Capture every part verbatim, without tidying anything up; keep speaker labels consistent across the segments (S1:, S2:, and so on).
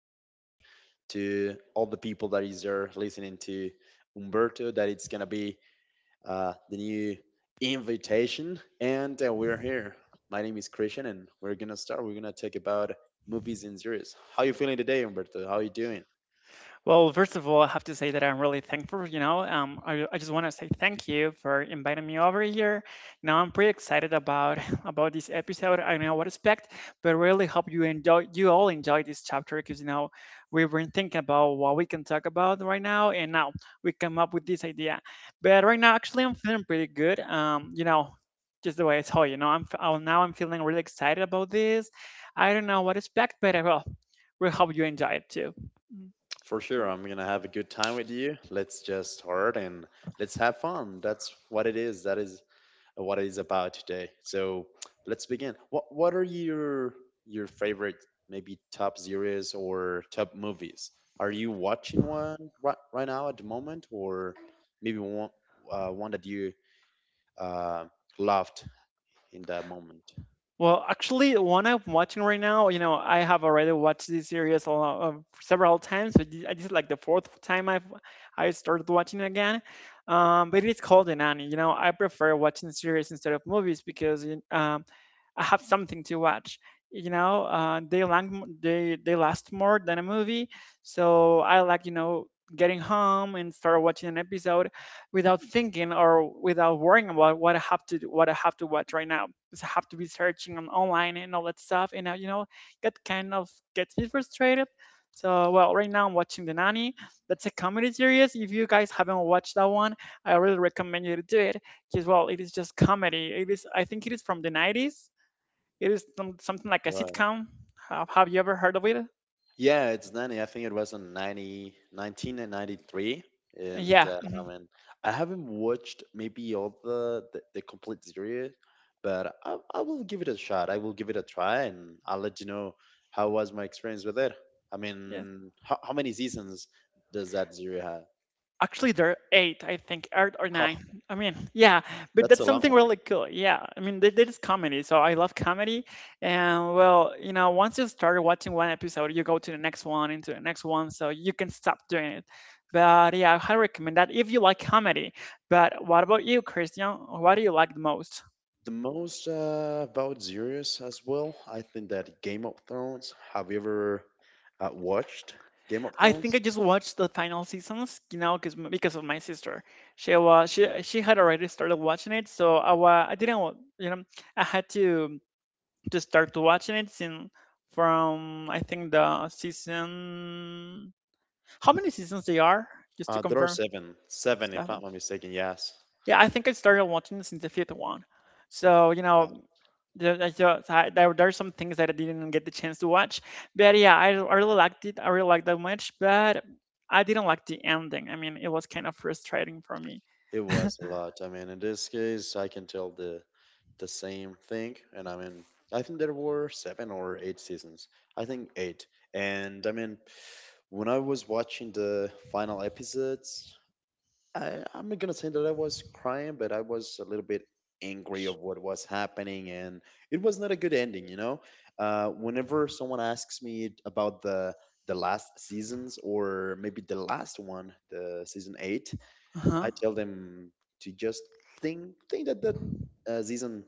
S1: you very much to all the people that is there listening to Umberto. That it's gonna be uh, the new invitation, and uh, we're here. My name is Christian, and we're gonna start. We're gonna talk about movies and series. How you feeling today, Umberto? How you doing?
S2: Well, first of all, I have to say that I'm really thankful. You know, um, I, I just want to say thank you for inviting me over here. Now I'm pretty excited about about this episode. I don't know what to expect, but really hope you enjoy you all enjoy this chapter because you know we've been thinking about what we can talk about right now, and now we come up with this idea. But right now, actually, I'm feeling pretty good. Um, you know. Just the way I told you, you know, I'm f- oh, now I'm feeling really excited about this. I don't know what to expect, but I will. We hope you enjoy it too.
S1: For sure, I'm gonna have a good time with you. Let's just start and let's have fun. That's what it is. That is what it is about today. So let's begin. What what are your your favorite maybe top series or top movies? Are you watching one right, right now at the moment, or maybe one uh, one that you uh, loved in that moment?
S2: Well, actually, the one I'm watching right now, you know, I have already watched this series a lot, of- several times. but thi- This is like the fourth time I've I started watching it again. Um, but it's called The Nanny. You know, I prefer watching series instead of movies because um, I have something to watch. You know, uh, they lang- they they last more than a movie, so I like you know getting home and start watching an episode without thinking or without worrying about what I have to do, what I have to watch right now. Because I have to be searching on online and all that stuff, and uh, you know that kind of gets me frustrated. So well, right now I'm watching The Nanny. That's a comedy series. If you guys haven't watched that one, I really recommend you to do it because well, it is just comedy. It is I think it is from the nineties. It is some- something like a
S1: Right.
S2: sitcom. Have, have you ever heard of it?
S1: Yeah, it's ninety. I think it was in ninety, nineteen ninety-three. And
S2: Yeah,
S1: uh, I
S2: mhm,
S1: mean, I haven't watched maybe all the, the, the complete series, but I, I will give it a shot. I will give it a try and I'll let you know how was my experience with it. I
S2: yeah.
S1: mean, how, how many seasons does that series have?
S2: Actually, there are eight, I think, eight or
S1: Oh,
S2: nine. I mean, yeah, but
S1: that's
S2: that's
S1: a long
S2: something
S1: one.
S2: really cool. Yeah, I mean, that, that is comedy, so I love comedy. And well, you know, once you start watching one episode, you go to the next one, into the next one, so you can stop doing it. But yeah, I highly recommend that if you like comedy. But what about you, Christian? What do you like the most?
S1: The most uh, about series as well, I think that Game of Thrones. Have you ever uh, watched Game of
S2: I think
S1: Thrones?
S2: I just watched the final seasons, you know, cause, m- because of my sister. She was she she had already started watching it, so I wa- I didn't wa- you know I had to to start to watching it since from I think the season how many seasons they are just to
S1: Uh, there are
S2: confirm.
S1: seven, seven, if not
S2: Seven.
S1: I'm not mistaken. Yes,
S2: Yeah, I think I started watching this in the fifth one. So, you
S1: God,
S2: know, there, there's just- I- there, there are some things that I didn't get the chance to watch. But yeah, I, I really liked it. I really liked that much, but I didn't like the ending. I mean, it was kind of frustrating for me.
S1: it was a lot. I mean, in this case, I can tell the the same thing, and I mean, I think there were seven or eight seasons. I think eight. And I mean, when I was watching the final episodes, I, I'm not gonna say that I was crying, but I was a little bit angry of what was happening, and it was not a good ending. You know, uh, whenever someone asks me about the the last seasons or maybe the last one, the season eight,
S2: Uh-huh.
S1: I tell them to just think think that that uh, season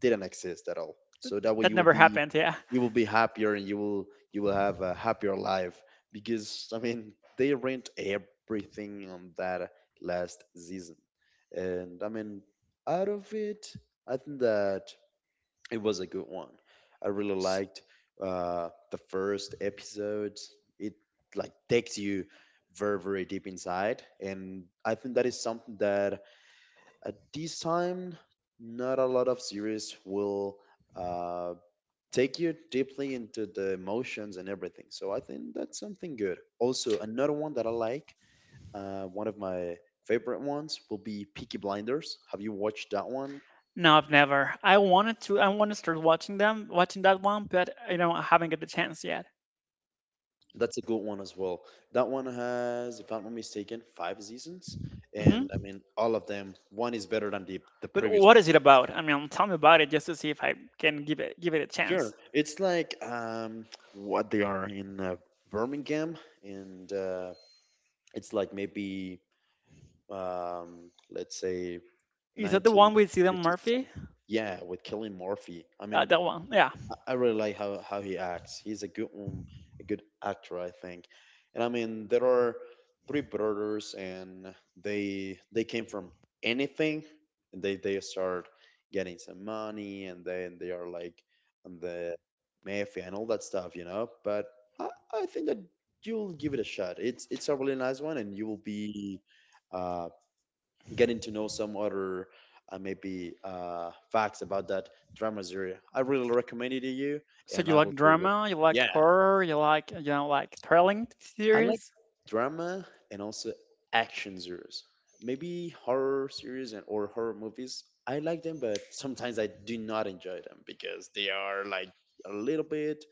S1: didn't exist at all. So that way
S2: That
S1: you will
S2: never
S1: be
S2: happened, yeah.
S1: you will be happier and you will you will have a happier life because I mean they rent everything on that last season, and I mean out of it, I think that it was a good one. I really liked uh, the first episode. It like takes you very very deep inside, and I think that is something that at this time not a lot of series will uh, take you deeply into the emotions and everything. So I think that's something good. Also, another one that I like, uh, one of my favorite ones will be Peaky Blinders. Have you watched that one?
S2: No, I've never. I wanted to I want to start watching them, watching that one, but you know, I haven't get the chance yet.
S1: That's a good one as well. That one has, if I'm not mistaken, five seasons, and I
S2: Hmm.
S1: mean all of them. One is better than the the
S2: But
S1: previous
S2: what
S1: one.
S2: is it about? I mean, tell me about it just to see if I can give it give it a
S1: Sure,
S2: chance.
S1: it's like um what they are in uh, Birmingham, and uh, it's like maybe um let's say
S2: Is that the one with Cillian
S1: nineteen fifty something.
S2: Murphy?
S1: Yeah, with Killing Murphy. I mean,
S2: Uh, that one, yeah.
S1: I I really like how, how he acts. He's a good um, a good actor, I think. And I mean, there are three brothers, and they they came from anything, and they they start getting some money, and then they are like on the mafia and all that stuff, you know. But I, I think that you'll give it a shot. It's it's a really nice one, and you will be. uh Getting to know some other uh, maybe uh, facts about that drama series. I really recommend it to you,
S2: So
S1: and
S2: you
S1: I will
S2: like
S1: do it.
S2: drama, you
S1: Yeah,
S2: like horror, you like you know like thrilling
S1: I like
S2: series.
S1: drama and also action series. Maybe horror series and or horror movies. I like them, but sometimes I do not enjoy them because they are like a little bit,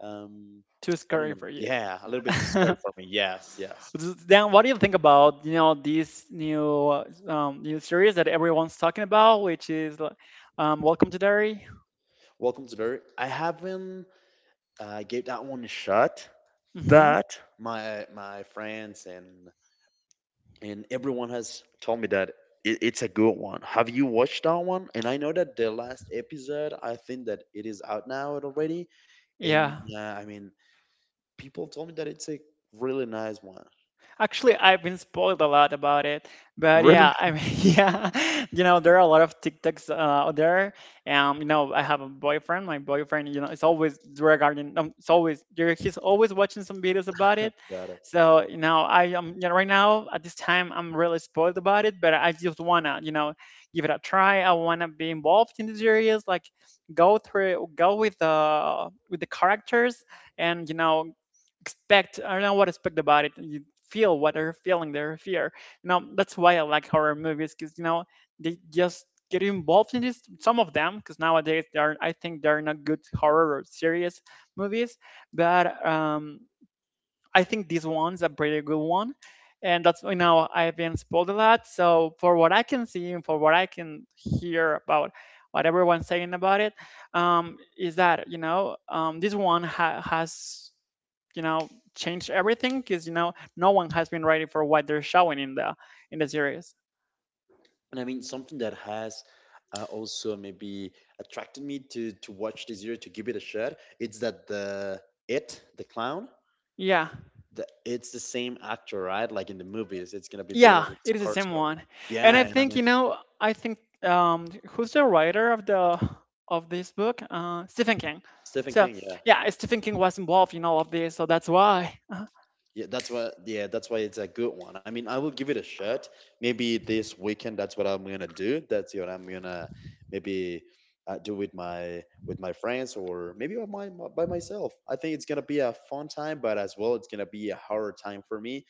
S1: um,
S2: Too
S1: I don't
S2: scary
S1: know.
S2: for you.
S1: Yeah, a little bit scared for me. Yes, yes.
S2: Then what do you think about you know this new uh, um, new series that everyone's talking about, which is like, um, Welcome to Derry?
S1: Welcome to Larry. I haven't I gave that one a shot,
S2: Hmm.
S1: but my my friends and and everyone has told me that it, it's a good one. Have you watched that one? And I know that the last episode, I think that it is out now already. And
S2: Yeah.
S1: uh, I mean, people told me that it's a really nice one.
S2: Actually, I've been spoiled a lot about it, but
S1: Really
S2: yeah, I mean, yeah, you know, there are a lot of TikToks uh, out there. Um, you know, I have a boyfriend. My boyfriend, you know, it's always regarding. Um, it's always there- he's always watching some videos about it.
S1: got it.
S2: So you know, I am you know right now at this time I'm really spoiled about it, but I just wanna you know give it a try. I wanna be involved in these areas, like go through, go with the with the characters, and you know expect I don't know what to expect about it. You feel what they're feeling, their fear. You know, that's why I like horror movies because you know they just get involved in this. Some of them, because nowadays they are, I think they're not good horror or serious movies, but um, I think this one's a pretty good one. And that's you know I've been spoiled a lot. So for what I can see and for what I can hear about what everyone's saying about it, um, is that you know um, this one ha- has you know change everything because you know no one has been ready for what they're showing in the in the series.
S1: And I mean, something that has uh, also maybe attracted me to to watch this year to give it a shot. It's that the it the clown
S2: Yeah,
S1: The it's the same actor, right? Like in the movies, it's gonna be
S2: yeah,
S1: Bill
S2: it is the same
S1: Skarsgård.
S2: one. And I
S1: Yeah, and I
S2: think you
S1: mean
S2: know I think um who's the writer of the of this book, uh, Stephen King.
S1: Stephen
S2: So
S1: King. Yeah,
S2: yeah, Stephen King was involved in all of this, so that's why. Uh-huh.
S1: yeah. That's why. Yeah, that's why it's a good one. I mean, I will give it a shot. Maybe this weekend. That's what I'm gonna do. That's what I'm gonna maybe uh, do with my with my friends or maybe by my by myself. I think it's gonna be a fun time, but as well, it's gonna be a hard time for me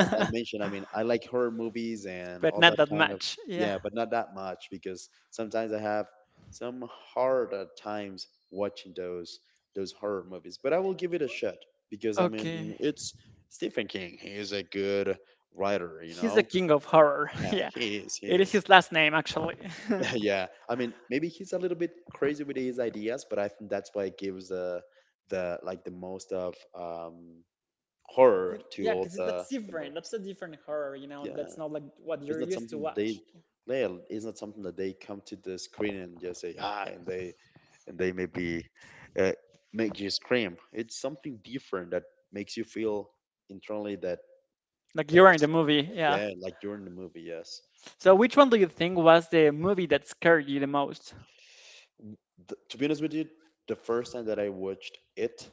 S1: as I mentioned, I mean, I like horror movies and
S2: But
S1: all
S2: not
S1: that
S2: that
S1: kind of
S2: much, yeah.
S1: yeah, but not that much because sometimes I have some harder times watching those those horror movies. But I will give it a shot because I mean,
S2: Okay,
S1: it's Stephen King. He is a good writer, you
S2: he's the
S1: know.
S2: king of horror.
S1: Yeah,
S2: Yeah,
S1: he is. He
S2: it is
S1: is.
S2: his last name, actually.
S1: yeah, I mean, maybe he's a little bit crazy with his ideas, but I think that's why it gives the the like the most of um horror
S2: You-
S1: to
S2: yeah,
S1: all
S2: because
S1: the
S2: that's
S1: the
S2: different. That's
S1: movies.
S2: a different horror, you know. That's
S1: Yeah.
S2: not like what
S1: It's
S2: you're
S1: not
S2: used to
S1: something that they
S2: watch.
S1: play. It's not something that they come to the screen and just say hi, and they and they maybe uh, make you scream. It's something different that makes you feel internally that
S2: Like you're in the
S1: there's something.
S2: movie,
S1: That,
S2: yeah.
S1: yeah, like during the movie. Yes.
S2: So which one do you think was the movie that scared you the most?
S1: Th to be honest with you, the first time that I watched it,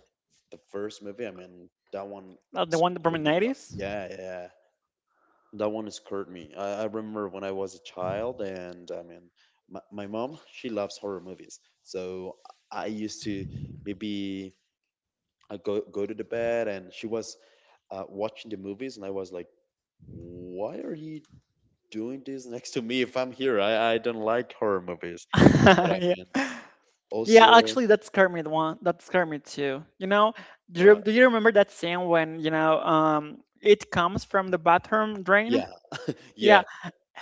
S1: the first movie, I mean that one
S2: Not the one from the
S1: scared me a lot.
S2: nineties?
S1: Yeah, yeah. That one scared me. I, I remember when I was a child, and I mean, my, my mom, she loves horror movies. So I used to maybe I go go to the bed, and she was uh, watching the movies, and I was like, "Why are you doing this next to me? If I'm here, I, I don't like horror movies." But I
S2: Yeah.
S1: mean,
S2: Yeah,
S1: also,
S2: actually, that scared me. The one that scared me too. You know, do you,
S1: right?
S2: do you remember that scene when you know um it comes from the bathroom drain?
S1: Yeah,
S2: Yeah,
S1: yeah.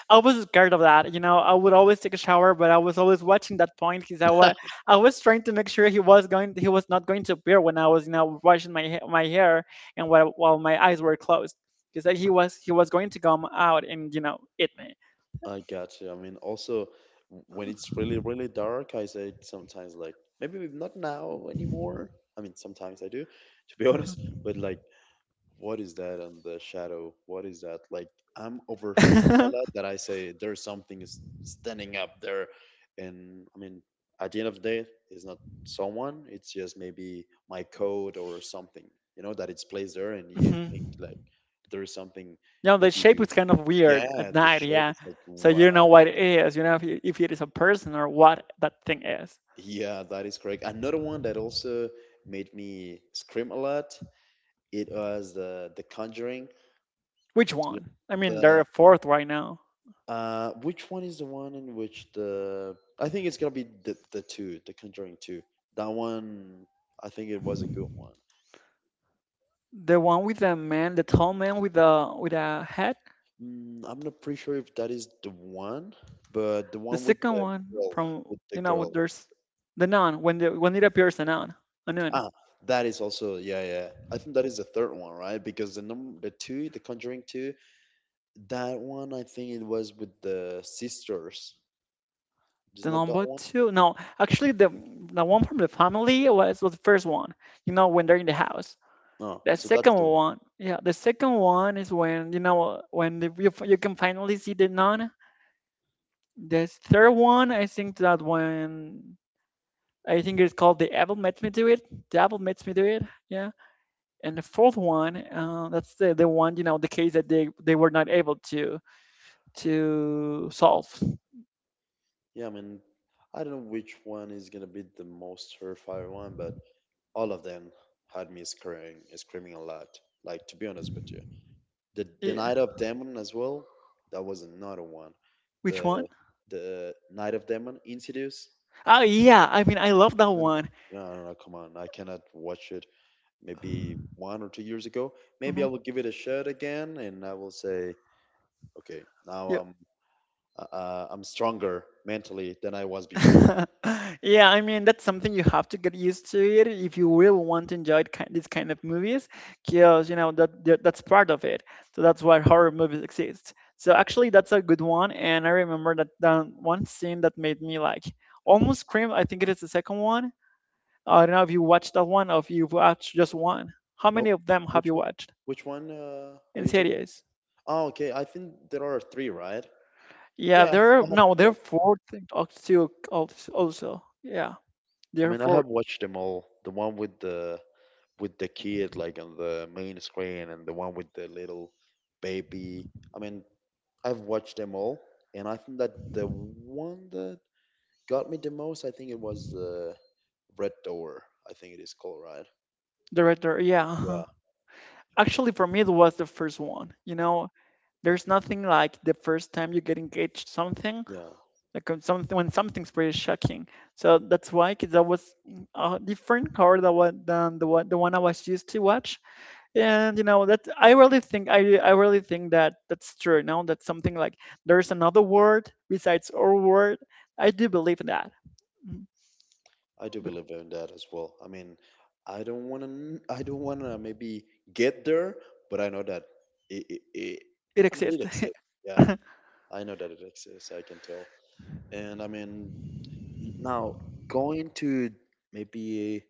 S2: I was scared of that. You know, I would always take a shower, but I was always watching that point because I was I was trying to make sure he was going he was not going to appear when I was you know washing my ha- my hair and while while my eyes were closed because he was he was going to come out and you know eat me.
S1: I got you. I mean, also w- when it's really, really dark, I say sometimes like maybe not now anymore. I mean, sometimes I do, to be honest. But like, what is that on the shadow? What is that? Like, I'm overthinking a
S2: Uh-huh.
S1: lot that I say there's something is standing up there, and I mean, at the end of the day, it's not someone. It's just maybe my code or something. You know that it's placed there, and
S2: Mhm.
S1: you think
S2: You
S1: like there's something
S2: know, the shape
S1: maybe
S2: is kind of weird
S1: yeah,
S2: at
S1: the
S2: night,
S1: shape
S2: yeah.
S1: is like,
S2: So you know what it is, you know if, it- if it is a person or what that thing is.
S1: Yeah, that is correct. Another one that also made me scream a lot, it was the The Conjuring.
S2: Which
S1: The
S2: one? I mean, there
S1: the-
S2: are fourth right now.
S1: uh which one is the one in which the I think it's gonna be the the two, The Conjuring two. That one I think it was a good one.
S2: The one with the man, the tall man with a with a hat.
S1: Mm, I'm not pretty sure if that is the one, but the
S2: The
S1: one with
S2: second
S1: the
S2: one
S1: girl,
S2: from
S1: with the
S2: you know
S1: girl.
S2: there's the nun when the when it appears the nun, a nun.
S1: Ah, that is also yeah, yeah. I think that is the third one, right? Because the num the two, The Conjuring two That one, I think it was with the sisters. Is
S2: The
S1: not that
S2: number
S1: one?
S2: two. No, actually the the one from the family was was the first one. You know when they're in the house.
S1: No,
S2: The
S1: so that's
S2: second
S1: the one.
S2: one, yeah, the second one is when you know when the, you you can finally see the nun. The third one, I think that when I think it's called the apple makes me do it. The apple makes me do it. Yeah, and the fourth one, uh, that's the, the one you know the case that they they were not able to to solve.
S1: Yeah, I mean, I don't know which one is gonna be the most terrifying one, but all of them had me screaming, screaming a lot. Like to be honest with you, the the
S2: Yeah,
S1: Night of Demon as well. That was another one.
S2: which one?
S1: The the Night of Demon, Insidious.
S2: Oh yeah, I mean, I love that
S1: No, no,
S2: one.
S1: no, no, no, come on, I cannot watch it. Maybe one or two years ago. Maybe I will
S2: Hmm.
S1: give it a shot again, and I will say. Okay, now
S2: Yeah.
S1: I'm uh, uh, I'm stronger mentally than I was before.
S2: Yeah, I mean, that's something you have to get used to it if you really want to enjoy it, ki- these kind of movies, because you know that that- that's part of it. So that's why horror movies exist. So actually that's a good one, and I remember that, that one scene that made me like almost scream. I think it is the second one. Uh, I don't know if you watched that one or if you've watched just one. How
S1: No,
S2: many of them have
S1: which
S2: you
S1: one?
S2: watched
S1: Which one uh, are
S2: in
S1: you talking about?
S2: series?
S1: Oh, okay. I think there are three, right?
S2: Yeah,
S1: Yeah,
S2: there
S1: I
S2: are
S1: have
S2: no, there are
S1: watched them.
S2: four things also. Also, yeah,
S1: I
S2: there are
S1: mean, I
S2: four.
S1: have watched them all. The one with the with the kid like on the main screen, and the one with the little baby. I mean, I've watched them all, and I think that the one that got me the most, I think it was uh, Red Door. I think it is called, right?
S2: There, are- there. Yeah. Uh-huh.
S1: Yeah,
S2: Actually, for me, it was the first one. You know, there's nothing like the first time you get engaged something,
S1: yeah.
S2: like when something when something's pretty shocking. So that's why, 'cause that was mm, a different card that was than the one the one I was used to watch. And you know that I really think I I really think that that's true. You know that's something like there's another word besides our word. I do believe in that, mm,
S1: I do
S2: but
S1: believe in that as well. I mean, I don't want to. I don't want to maybe get there, but I know that it, it, it.
S2: it
S1: I mean, it
S2: exists.
S1: exists. Yeah, I know that it exists. I can tell. And I mean, now going to maybe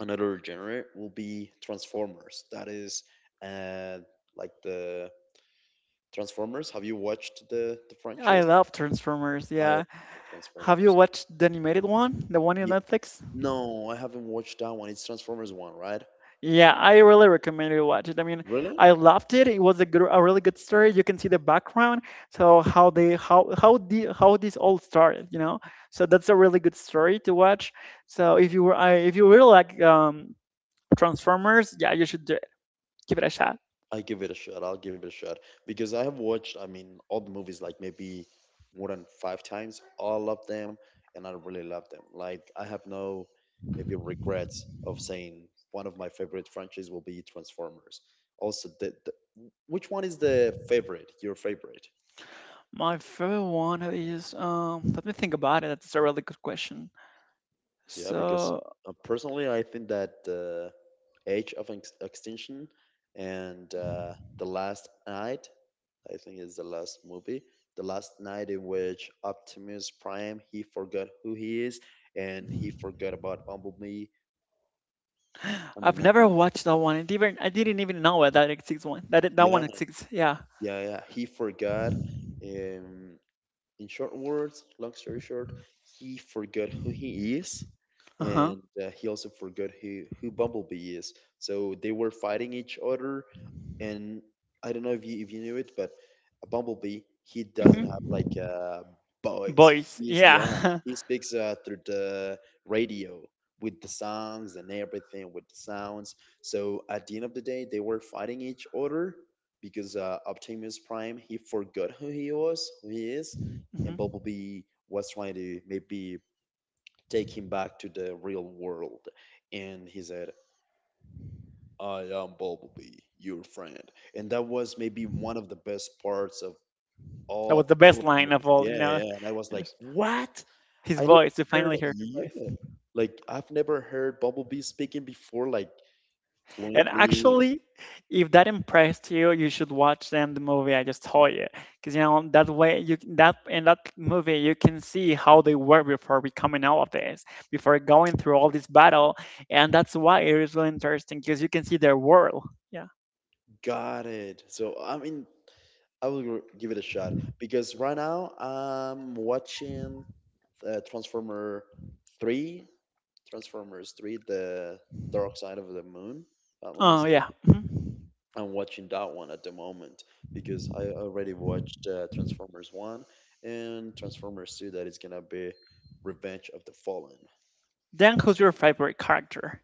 S1: another genre will be Transformers. That is, uh, like the Transformers. Have you watched the the
S2: I
S1: franchise?
S2: love Transformers.
S1: I love
S2: Yeah, have you
S1: Transformers.
S2: watched the animated one, the one in
S1: Yeah.
S2: Netflix?
S1: No, I haven't watched that one. It's Transformers one, right?
S2: Yeah, I really recommend you watch it. I mean,
S1: Really?
S2: I loved it. It was a good, a really good story. You can see the background, so how they, how how the how this all started, you know. So that's a really good story to watch. So if you were, I, if you really like um, Transformers, yeah, you should do it. Give it a shot.
S1: I give it a shot. I'll give it a shot because I have watched, I mean, all the movies like maybe more than five times, all of them, and I really love them. Like I have no maybe regrets of saying one of my favorite franchises will be Transformers. Also, the, the which one is the favorite? Your favorite?
S2: My favorite one is, um, let me think about it. That's a really good question.
S1: Yeah, because
S2: So
S1: uh, personally, I think that the age of ex- extinction and uh, the last night, I think is the last movie, the last night in which Optimus Prime he forgot who he is and he forgot about Bumblebee. I
S2: I've
S1: mean, I
S2: never
S1: think
S2: watched that one. I did I didn't even know that it exists one. That it, that one
S1: yeah,
S2: exists. Yeah.
S1: yeah, yeah, he forgot. Um, in short words, long story short, he forgot who he is,
S2: Uh huh.
S1: and uh, he also forgot who who Bumblebee is. So they were fighting each other, and I don't know if you if you knew it, but a Bumblebee he doesn't
S2: hmm
S1: have like uh, voice.
S2: Voice,
S1: He is yeah,
S2: yeah.
S1: he speaks uh, through the radio with the songs and everything with the sounds. So at the end of the day, they were fighting each other because uh, Optimus Prime he forgot who he was, who he is, and
S2: Mhm.
S1: Bumblebee was trying to maybe take him back to the real world. And he said, I am Bumblebee, your friend. And that was maybe one of the best parts of
S2: That was
S1: all,
S2: the
S1: all
S2: best
S1: of the
S2: line of
S1: movies.
S2: all,
S1: Yeah,
S2: you know.
S1: yeah, yeah. And I was like,
S2: Just
S1: what?
S2: his
S1: I never
S2: voice, you
S1: heard,
S2: finally hear his
S1: yeah.
S2: voice.
S1: Like, I've never heard Bumblebee speaking before, like,
S2: And
S1: fluently.
S2: actually, if that impressed you, you should watch then the movie I just told you. Because, you know, that way, you c- that in that movie, you can see how they were before becoming all of this, before going through all this battle. And that's why it is really interesting, because you can see their world. Yeah.
S1: Got it. So, I mean, I will gr- give it a shot because right now I'm watching uh, Transformer three, Transformers three, The Dark Side of the Moon, if I'm not
S2: Oh, yeah.
S1: mistaken.
S2: Mhm.
S1: I'm watching that one at the moment because I already watched uh, Transformers one and Transformers two that is gonna be Revenge of the Fallen.
S2: Then, who's your favorite character?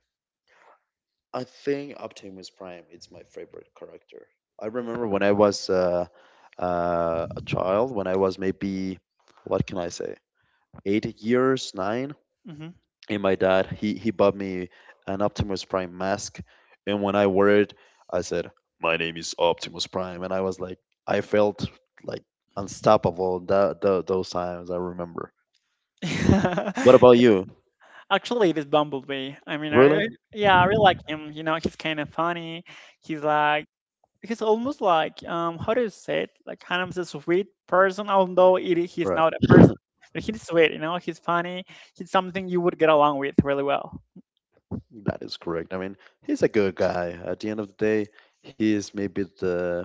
S1: I think Optimus Prime is my favorite character. I remember when I was uh, uh, a child, when I was maybe, what can I say, eight years, nine,
S2: hmm
S1: and my dad, he, he bought me an Optimus Prime mask. And when I wore it, I said, My name is Optimus Prime. And I was like, I felt like unstoppable that, tho- those times, I remember. What about you?
S2: Actually, it is Bumblebee. I mean, I
S1: Really?
S2: really, yeah, I really like him. You know, he's kind of funny. He's like, he's almost like, um, how do you say it? Like, kind of a sweet person, although it, he's not a person, but he's sweet. You know, he's funny. He's something you would get along with really well.
S1: That is correct. I mean, he's a good guy. At the end of the day, he is maybe the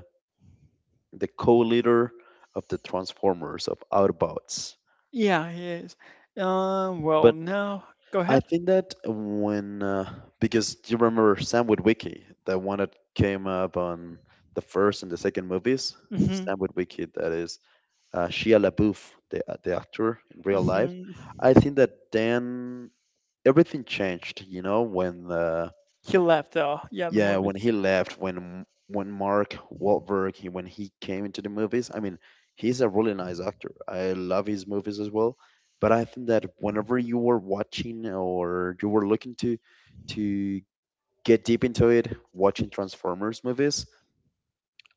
S1: the co-leader of the Transformers of Autobots.
S2: Yeah, he is. Um, well,
S1: But
S2: no, go
S1: I
S2: ahead.
S1: think that when uh, because you remember Sam Witwicky, the one that came up on the first and the second movies,
S2: hmm
S1: Sam Witwicky, that is uh, Shia LaBeouf, the uh, the actor in real life.
S2: hmm
S1: I think that then everything changed. You know, when uh,
S2: He left though. Yeah, the
S1: yeah, when
S2: movies.
S1: he left, when when Mark Wahlberg, he, when he came into the movies, I mean, he's a really nice actor. I love his movies as well. But I think that whenever you were watching or you were looking to to get deep into it, watching Transformers movies,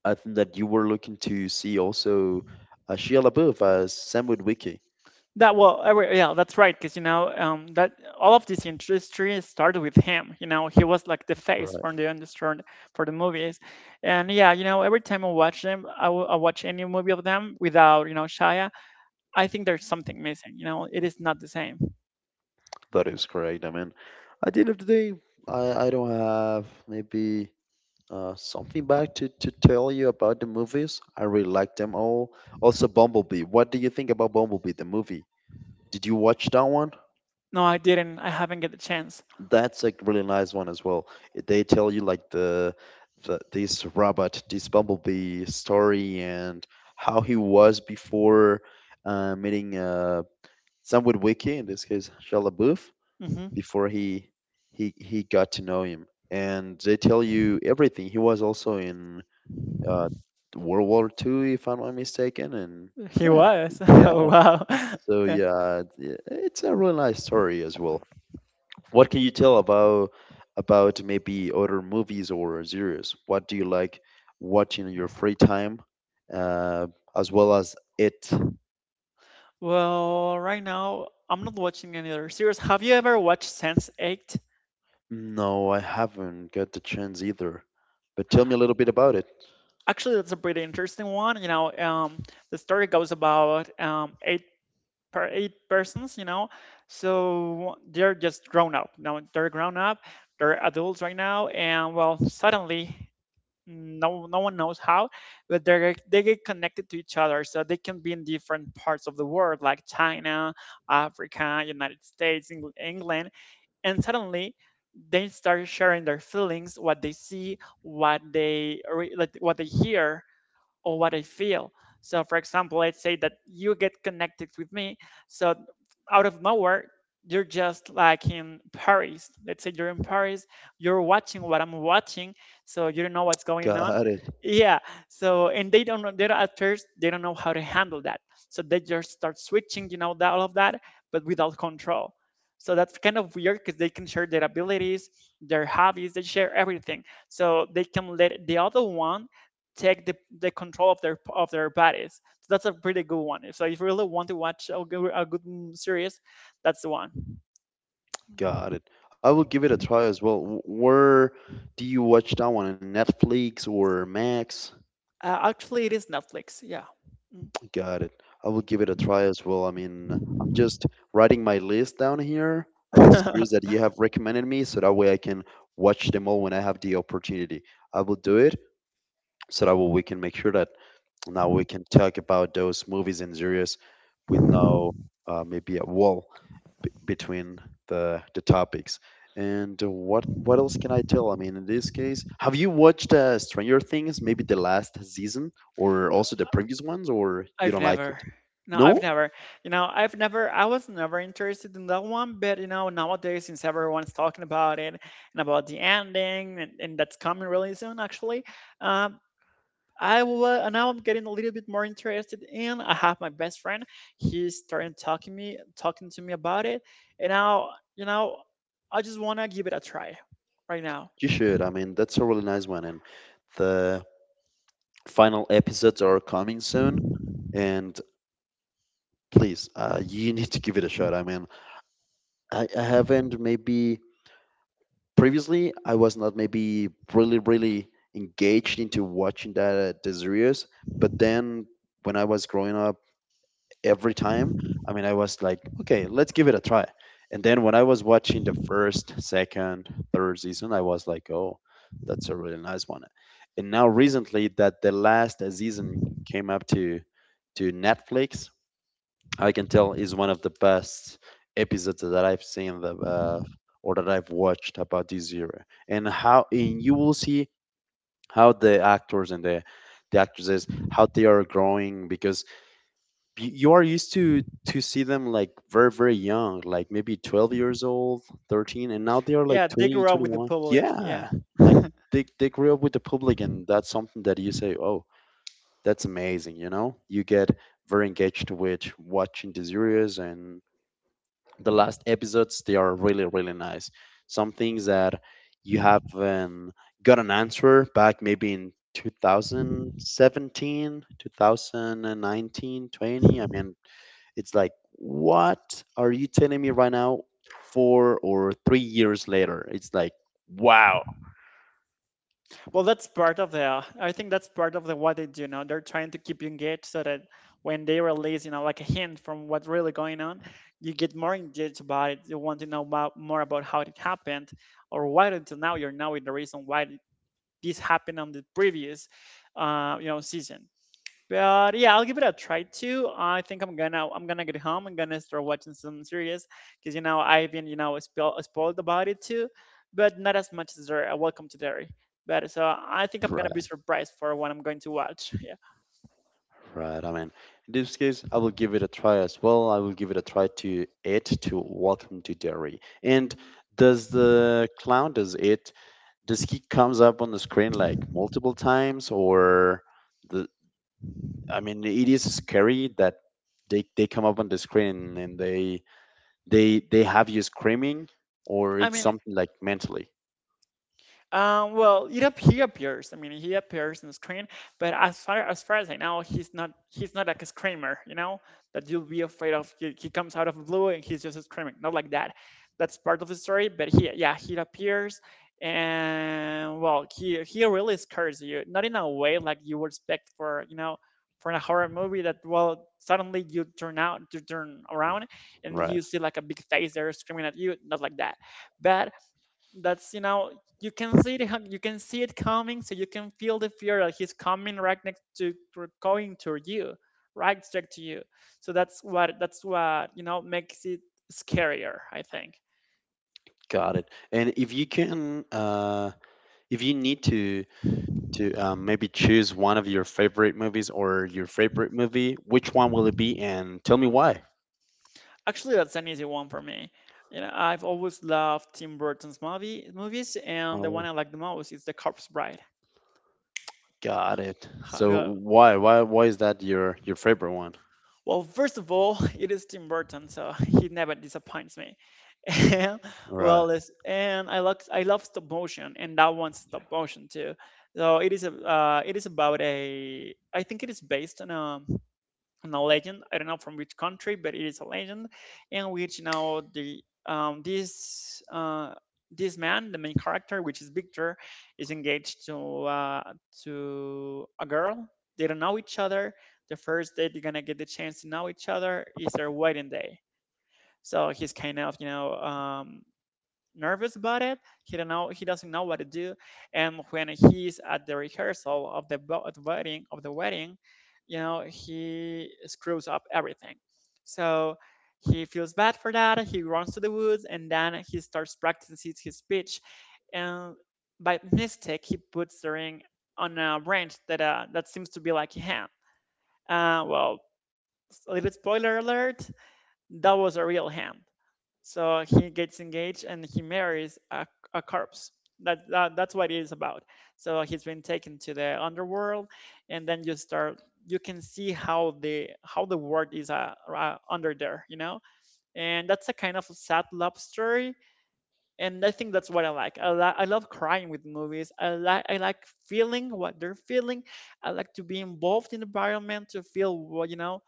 S1: I think that you were looking to see also uh, Shia LaBeouf as Sam Witwicky.
S2: That well, every- yeah, that's right. Because you know um, that all of this industry started with him. You know, he was like the face from
S1: Right.
S2: the industry for the movies, and yeah, you know, every time I watch them, I, w- I watch any movie of them without you know Shia. I think there's something missing. You know, it is not the same.
S1: That is correct. I mean, at the end of the day, I, I don't have maybe Uh, something back to, to tell you about the movies. I really like them all. Also, Bumblebee. What do you think about Bumblebee, the movie? Did you watch that one?
S2: No, I didn't. I haven't get the chance.
S1: That's a really nice one as well. They tell you like the, the this robot, this Bumblebee story, and how he was before uh, meeting uh, Samwood Wiki, in this case Shia LaBeouf,
S2: hmm
S1: before he he he got to know him. And they tell you everything. He was also in uh, World War Two, if I'm not mistaken. And
S2: He
S1: yeah,
S2: was.
S1: yeah.
S2: Oh, wow.
S1: So
S2: Yeah.
S1: yeah, it- it's a really nice story as well. What can you tell about about maybe other movies or series? What do you like watching in your free time, uh, as well as it?
S2: Well, right now I'm not watching any other series. Have you ever watched Sense Eight?
S1: No, I haven't got the chance either. But tell me a little bit about it.
S2: Actually, that's a pretty interesting one. You know, um, the story goes about um, eight per eight persons. You know, so they're just grown up. Now they're grown up. They're adults right now, and well, suddenly, no no one knows how, but they they get connected to each other. So they can be in different parts of the world, like China, Africa, United States, Eng- England, and suddenly they start sharing their feelings, what they see, what they re- like, what they hear, or what I feel. So, for example, let's say that you get connected with me. So, out of nowhere, you're just like in Paris. Let's say you're in Paris, you're watching what I'm watching, so you don't know what's going on.
S1: Got it.
S2: Yeah. So, and they don't know, they don't, at first, they don't know how to handle that. So, they just start switching, you know, that, all of that, but without control. So, that's kind of weird because they can share their abilities, their hobbies, they share everything. So, they can let the other one take the, the control of their of their bodies. So that's a pretty good one. So if you really want to watch a good, a good mm, series, that's the one.
S1: Got it. I will give it a try as well. Wh- Where do you watch that one? On Netflix or Max?
S2: Uh, actually, it is Netflix. Yeah.
S1: Got it. I will give it a try as well. I mean, I'm just writing my list down here of the series
S2: Mm.
S1: that you have recommended me so that way I can watch them all when I have the opportunity. I will do it so that way we can make sure that now we can talk about those movies and series with no uh, maybe a wall b- between the the topics. And uh, what what else can I tell? I mean, in this case, have you watched uh, Stranger Things? Maybe the last season, or also the previous ones, or you
S2: I've
S1: don't like
S2: never.
S1: it?
S2: No, I've
S1: No,
S2: never. You know, I've never. I was never interested in that one. But you know, nowadays, since everyone's talking about it and about the ending, and, and that's coming really soon, actually, uh, I wa- now I'm getting a little bit more interested in. I have my best friend. He started talking me talking to me about it, and now you know I just want to give it a try right now.
S1: you should. I mean, that's a really nice one, and the final episodes are coming soon. And please, uh, you need to give it a shot. I mean, I, I haven't maybe previously I was not maybe really really engaged into watching that uh, the series, but then when I was growing up, every time I mean I was like, okay, let's give it a try. And then when I was watching the first, second, third season, I was like, oh, that's a really nice one. And now recently that the last season came up to to Netflix, I can tell is one of the best episodes that I've seen the, uh, or that I've watched about this year. And how and you will see how the actors and the the actresses how they are growing because y- you are used to to see them like very very young, like maybe twelve years old, thirteen, and now they are
S2: Yeah,
S1: like
S2: they
S1: twenty
S2: grew up
S1: twenty
S2: with the
S1: one
S2: public. Yeah.
S1: Yeah, like they, they grew up with the public, and that's something that you say, oh, that's amazing, you know, you get very engaged with watching the series, and the last episodes they are really really nice, some things that you haven't got an answer back maybe in two thousand seventeen, two thousand and nineteen, twenty. I
S2: Mhm.
S1: mean, it's like, what are you telling me right now? Four or three years later, it's like, wow.
S2: Well, that's part of the. I think that's part of the what they do. You know, they're trying to keep you engaged so that when they release, you know, like a hint from what's really going on, you get more engaged about it. You want to know about, more about how it happened or why until now you're knowing the reason why this happened on the previous uh, you know season. But yeah, I'll give it a try too. I think I'm gonna I'm gonna get home. I'm gonna start watching some series because you know I've been you know spoil, spoiled about it too, but not as much as Dairy. Welcome to Dairy. But so I think I'm
S1: Right,
S2: gonna be surprised for what I'm going to watch. Yeah,
S1: right. I mean, in this case I will give it a try as well. I will give it a try to it, to Welcome to Dairy. And does the clown does it does he comes up on the screen like multiple times, or the? I mean, it is scary that they they come up on the screen and they they they have you screaming, or
S2: I
S1: it's
S2: mean
S1: something like mentally,
S2: Um, well, it ap- he appears. I mean, he appears on screen, but as far as far as I know, he's not he's not like a screamer. You know that you'll be afraid of. He, he comes out of the blue and he's just screaming. Not like that. That's part of the story. But he yeah he appears, and well he he really scares you. Not in a way like you would expect for you know for a horror movie that well suddenly you turn out you turn around and
S1: right?
S2: you see like a big face there screaming at you. Not like that but that's you know you can see it ha- you can see it coming so you can feel the fear that he's coming right next to to- going to you right straight to you so that's what that's what you know makes it scarier I think.
S1: Got it. And if you can, uh, if you need to to um, maybe choose one of your favorite movies or your favorite movie, which one will it be, and tell me why?
S2: Actually that's an easy one for me. You know, I've always loved Tim Burton's movie movies, and the one
S1: Oh,
S2: I like the most is The Corpse Bride.
S1: got it.
S2: Have
S1: So
S2: you
S1: why why why is that your your favorite one?
S2: Well, first of all, it is Tim Burton, so he never disappoints me. And
S1: Right.
S2: well, it's, and I love I love stop motion, and that one's stop motion too. So it is a uh, it is about a I think it is based on a and a legend. I don't know from which country, but it is a legend, in which now the um, this uh, this man, the main character, which is Victor, is engaged to uh, to a girl. They don't know each other. The first day they're gonna get the chance to know each other is their wedding day. So he's kind of you know um, nervous about it. He don't know. He doesn't know what to do. And when he's at the rehearsal of the, bo- the wedding, of the wedding, you know, he screws up everything. So he feels bad for that. He runs to the woods and then he starts practicing his speech. And by mistake, he puts the ring on a branch that uh, that seems to be like a hand. Uh, well, a little spoiler alert. That was a real hand. So he gets engaged and he marries a, a corpse. That, that that's what it is about. So he's been taken to the underworld, and then you start you can see how the how the world is uh, uh, under there, you know. And that's a kind of sad love story, and I think that's what I like. I, li- I love crying with movies. I like I like feeling what they're feeling. I like to be involved in the environment to feel what you know,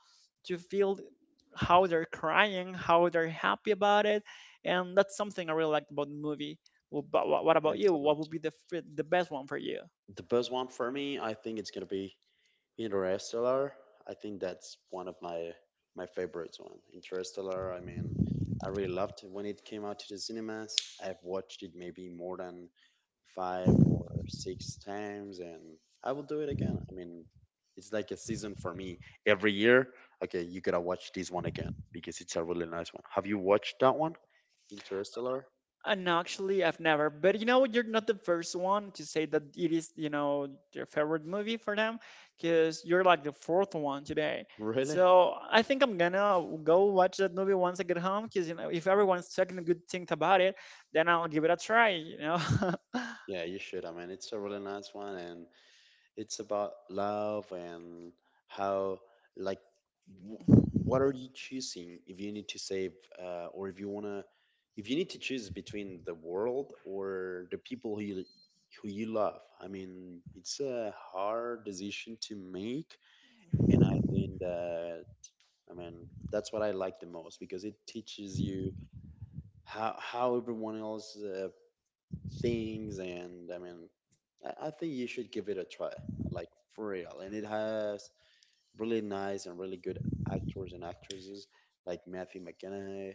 S2: to feel how they're crying, how they're happy about it, and that's something I really liked about the movie. Well, But what what about you? What
S1: Excellent.
S2: would be the f- the best one for you?
S1: The best one for me, I think it's gonna be Interstellar. I think that's one of my my favorites one. Interstellar. I mean, I really loved it when it came out to the cinemas. I've watched it maybe more than five or six times, and I will do it again. I mean, it's like a season for me. Every year, okay, you gotta watch this one again because it's a really nice one. Have you watched that one, Interstellar?
S2: And actually, I've never. But you know, what? You're not the first one to say that it is, you know, their favorite movie for them, because you're like the fourth one today.
S1: Really?
S2: So I think I'm gonna go watch that movie once I get home, because you know, if everyone's talking good things about it, then I'll give it a try. You know.
S1: Yeah, you should. I mean, it's a really nice one, and it's about love and how, like, w- what are you choosing if you need to save uh, or if you want to if you need to choose between the world or the people who you, who you love? I mean, it's a hard decision to make, and I think that I mean that's what I like the most because it teaches you how how everyone else uh, things. And I mean, i I think you should give it a try like, for real. And it has really nice and really good actors and actresses like Matthew McConaughey,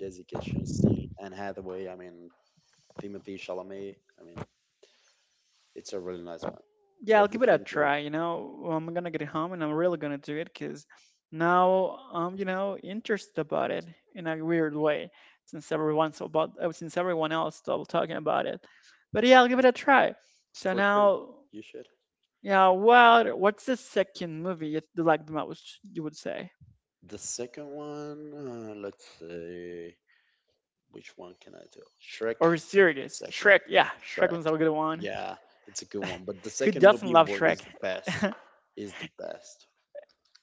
S1: Jessica Chastain, Anne Hathaway, I mean Timothy Chalamet, I mean, it's a really nice one.
S2: Yeah, I'll give it a
S1: Everything there.
S2: try. You know, I'm gonna get home and I'm really gonna do it because now I'm, you know, interested about it in a weird way since everyone's about uh, since everyone else still talking about it. But yeah, I'll give it a try. So
S1: For sure,
S2: now,
S1: you should.
S2: yeah, what what's the second movie you th- like the most? You would say
S1: The second one, uh, let's see, which one can I tell? Shrek.
S2: or series?
S1: Second
S2: Shrek. Yeah, Shrek
S1: Shrek.
S2: was a good one.
S1: Yeah, it's a good one. But the
S2: Who
S1: second
S2: doesn't
S1: movie
S2: love
S1: wa- is
S2: Shrek?
S1: the best. Is the best.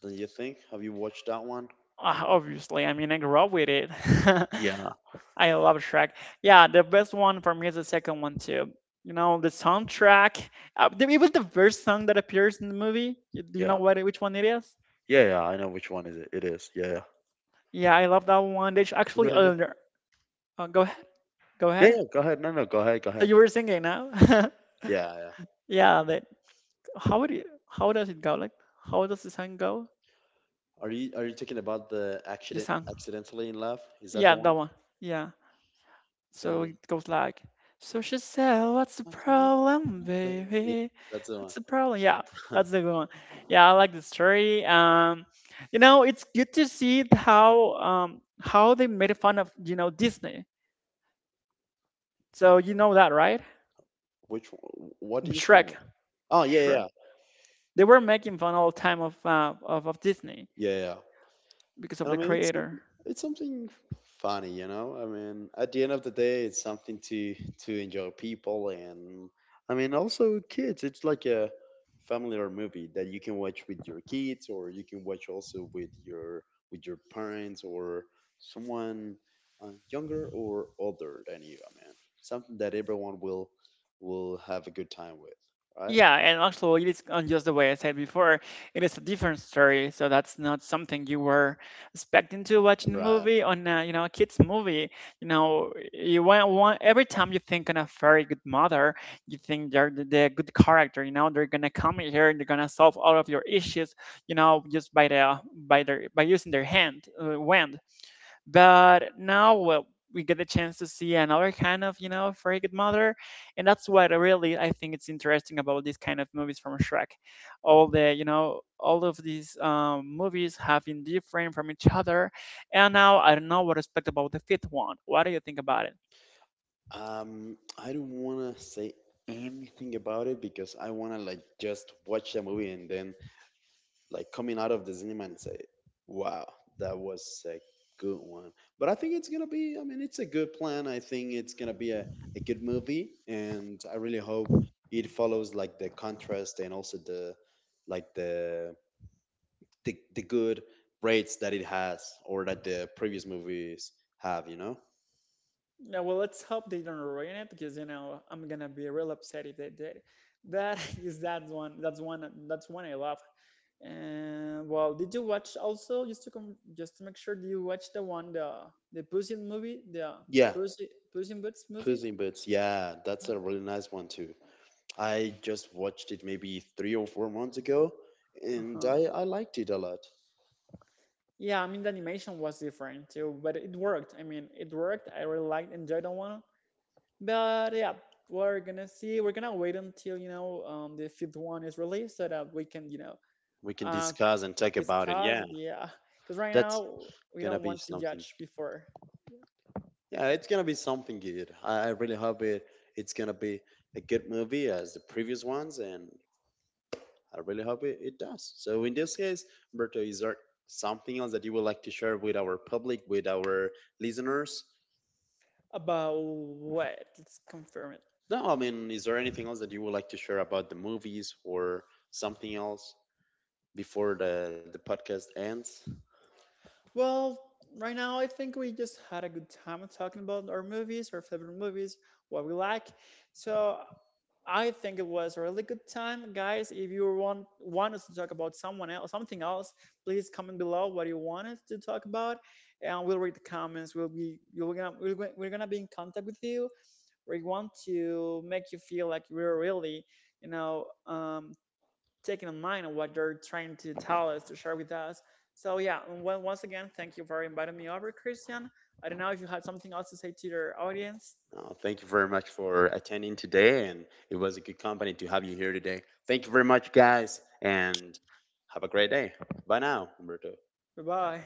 S1: Don't you think? Have you watched that one?
S2: Uh, Obviously, I mean, I grew up with it.
S1: Yeah,
S2: I love Shrek. Yeah, the best one for me is the second one too. You know, the soundtrack. Uh, the- it was the first song that appears in the movie. Y- Do you know
S1: yeah,
S2: what which one it is?
S1: yeah, yeah. I know which one is it. It is. Yeah, yeah.
S2: Yeah, I love that one. They sh- actually
S1: Really?
S2: uh, uh, go ahead. Go
S1: Yeah,
S2: ahead.
S1: yeah. Go ahead. No, no. Go ahead. Go
S2: So
S1: ahead.
S2: you were singing now?
S1: Yeah, yeah.
S2: Yeah, that how would you how does it go? Like how does the song go?
S1: Are you are you talking about the
S2: The
S1: accident
S2: song.
S1: accidentally in love? Is that
S2: Yeah,
S1: the
S2: that
S1: one?
S2: one. Yeah. So
S1: The
S2: it goes like, so she said, "What's the problem,
S1: Yeah,
S2: baby?
S1: that's the
S2: What's the
S1: one.
S2: problem?" Yeah, that's the one. Yeah, I like the story. Um, you know, it's good to see how um how they made fun of you know Disney. So you know that, right?
S1: Which one? What do you say?
S2: Shrek,
S1: Oh yeah, yeah,
S2: Shrek.
S1: yeah,
S2: They were making fun all the time of uh, of, of Disney
S1: yeah, yeah.
S2: because of
S1: And I
S2: the
S1: mean, it's
S2: creator.
S1: it's something funny, you know. I mean, at the end of the day, it's something to to enjoy people, and I mean, also kids. It's like a family or movie that you can watch with your kids, or you can watch also with your with your parents or someone uh, younger or older than you. I mean, something that everyone will will have a good time with, right?
S2: Yeah, and actually, it is uh, just the way I said before. It is a different story, so that's not something you were expecting to watch in a
S1: Right.
S2: movie on, a, you know, a kids movie. You know, you want, want every time you think on a very good mother, you think they're the, the good character. You know, they're gonna come here and they're gonna solve all of your issues. You know, just by the by their by using their hand, uh, wand. But now, well, we get the chance to see another kind of, you know, very good mother, and that's what I really I think it's interesting about these kind of movies from Shrek. All the, you know, all of these um, movies have been different from each other, and now I don't know what to expect about the fifth one. What do you think about it?
S1: Um, I don't want to say anything about it because I want to like just watch the movie and then like coming out of the cinema and say, "Wow, that was a good one." But I think it's gonna be. I mean, it's a good plan. I think it's gonna be a, a good movie, and I really hope it follows like the contrast and also the like the the, the good rates that it has or that the previous movies have. You know?
S2: Yeah, well, let's hope they don't ruin it because you know I'm gonna be real upset if they did. That is that one. That's one. That's one I love. And well, did you watch also just to come just to make sure? Did you watch the one the the Puss in movie, the
S1: Yeah,
S2: Puss Puss in Boots movie?
S1: Puss in Boots. Yeah, that's a really nice one too. I just watched it maybe three or four months ago,
S2: Uh
S1: and
S2: huh.
S1: I, I liked it a lot.
S2: Yeah, I mean the animation was different too, but it worked. I mean it worked. I really liked enjoyed the one. But yeah, we're gonna see. We're gonna wait until you know um, the fifth one is released so that we can you know.
S1: We can
S2: uh.
S1: discuss and talk about it.
S2: Discuss
S1: Yeah,
S2: yeah because right
S1: that's
S2: now we don't
S1: gonna be
S2: want to
S1: something.
S2: judge before
S1: Yeah, it's gonna be something good. I, I really hope it. It's gonna be a good movie as the previous ones, and I really hope it, it does. So in this case, Berto, is there something else that you would like to share with our public, with our listeners?
S2: about what let's confirm it.
S1: No, I mean, is there anything else that you would like to share about the movies or something else before the, the podcast ends?
S2: Well right now I think we just had a good time talking about our movies our favorite movies, what we like. So I think it was a really good time guys. If you want want us to talk about someone else something else, please comment below what you want us to talk about and we'll read the comments. We'll be you're gonna we're gonna, we're gonna be in contact with you. We want to make you feel like we're really, you know, um, taking in mind of what they're trying to tell us to share with us. So yeah, and once again, thank you for inviting me over, Christian. I don't know if you had something else to say to your audience.
S1: Uh, thank you very much for attending today, and it was a good company to have you here today. Thank you very much, guys, and have a great day. Bye now, Humberto.
S2: Bye bye.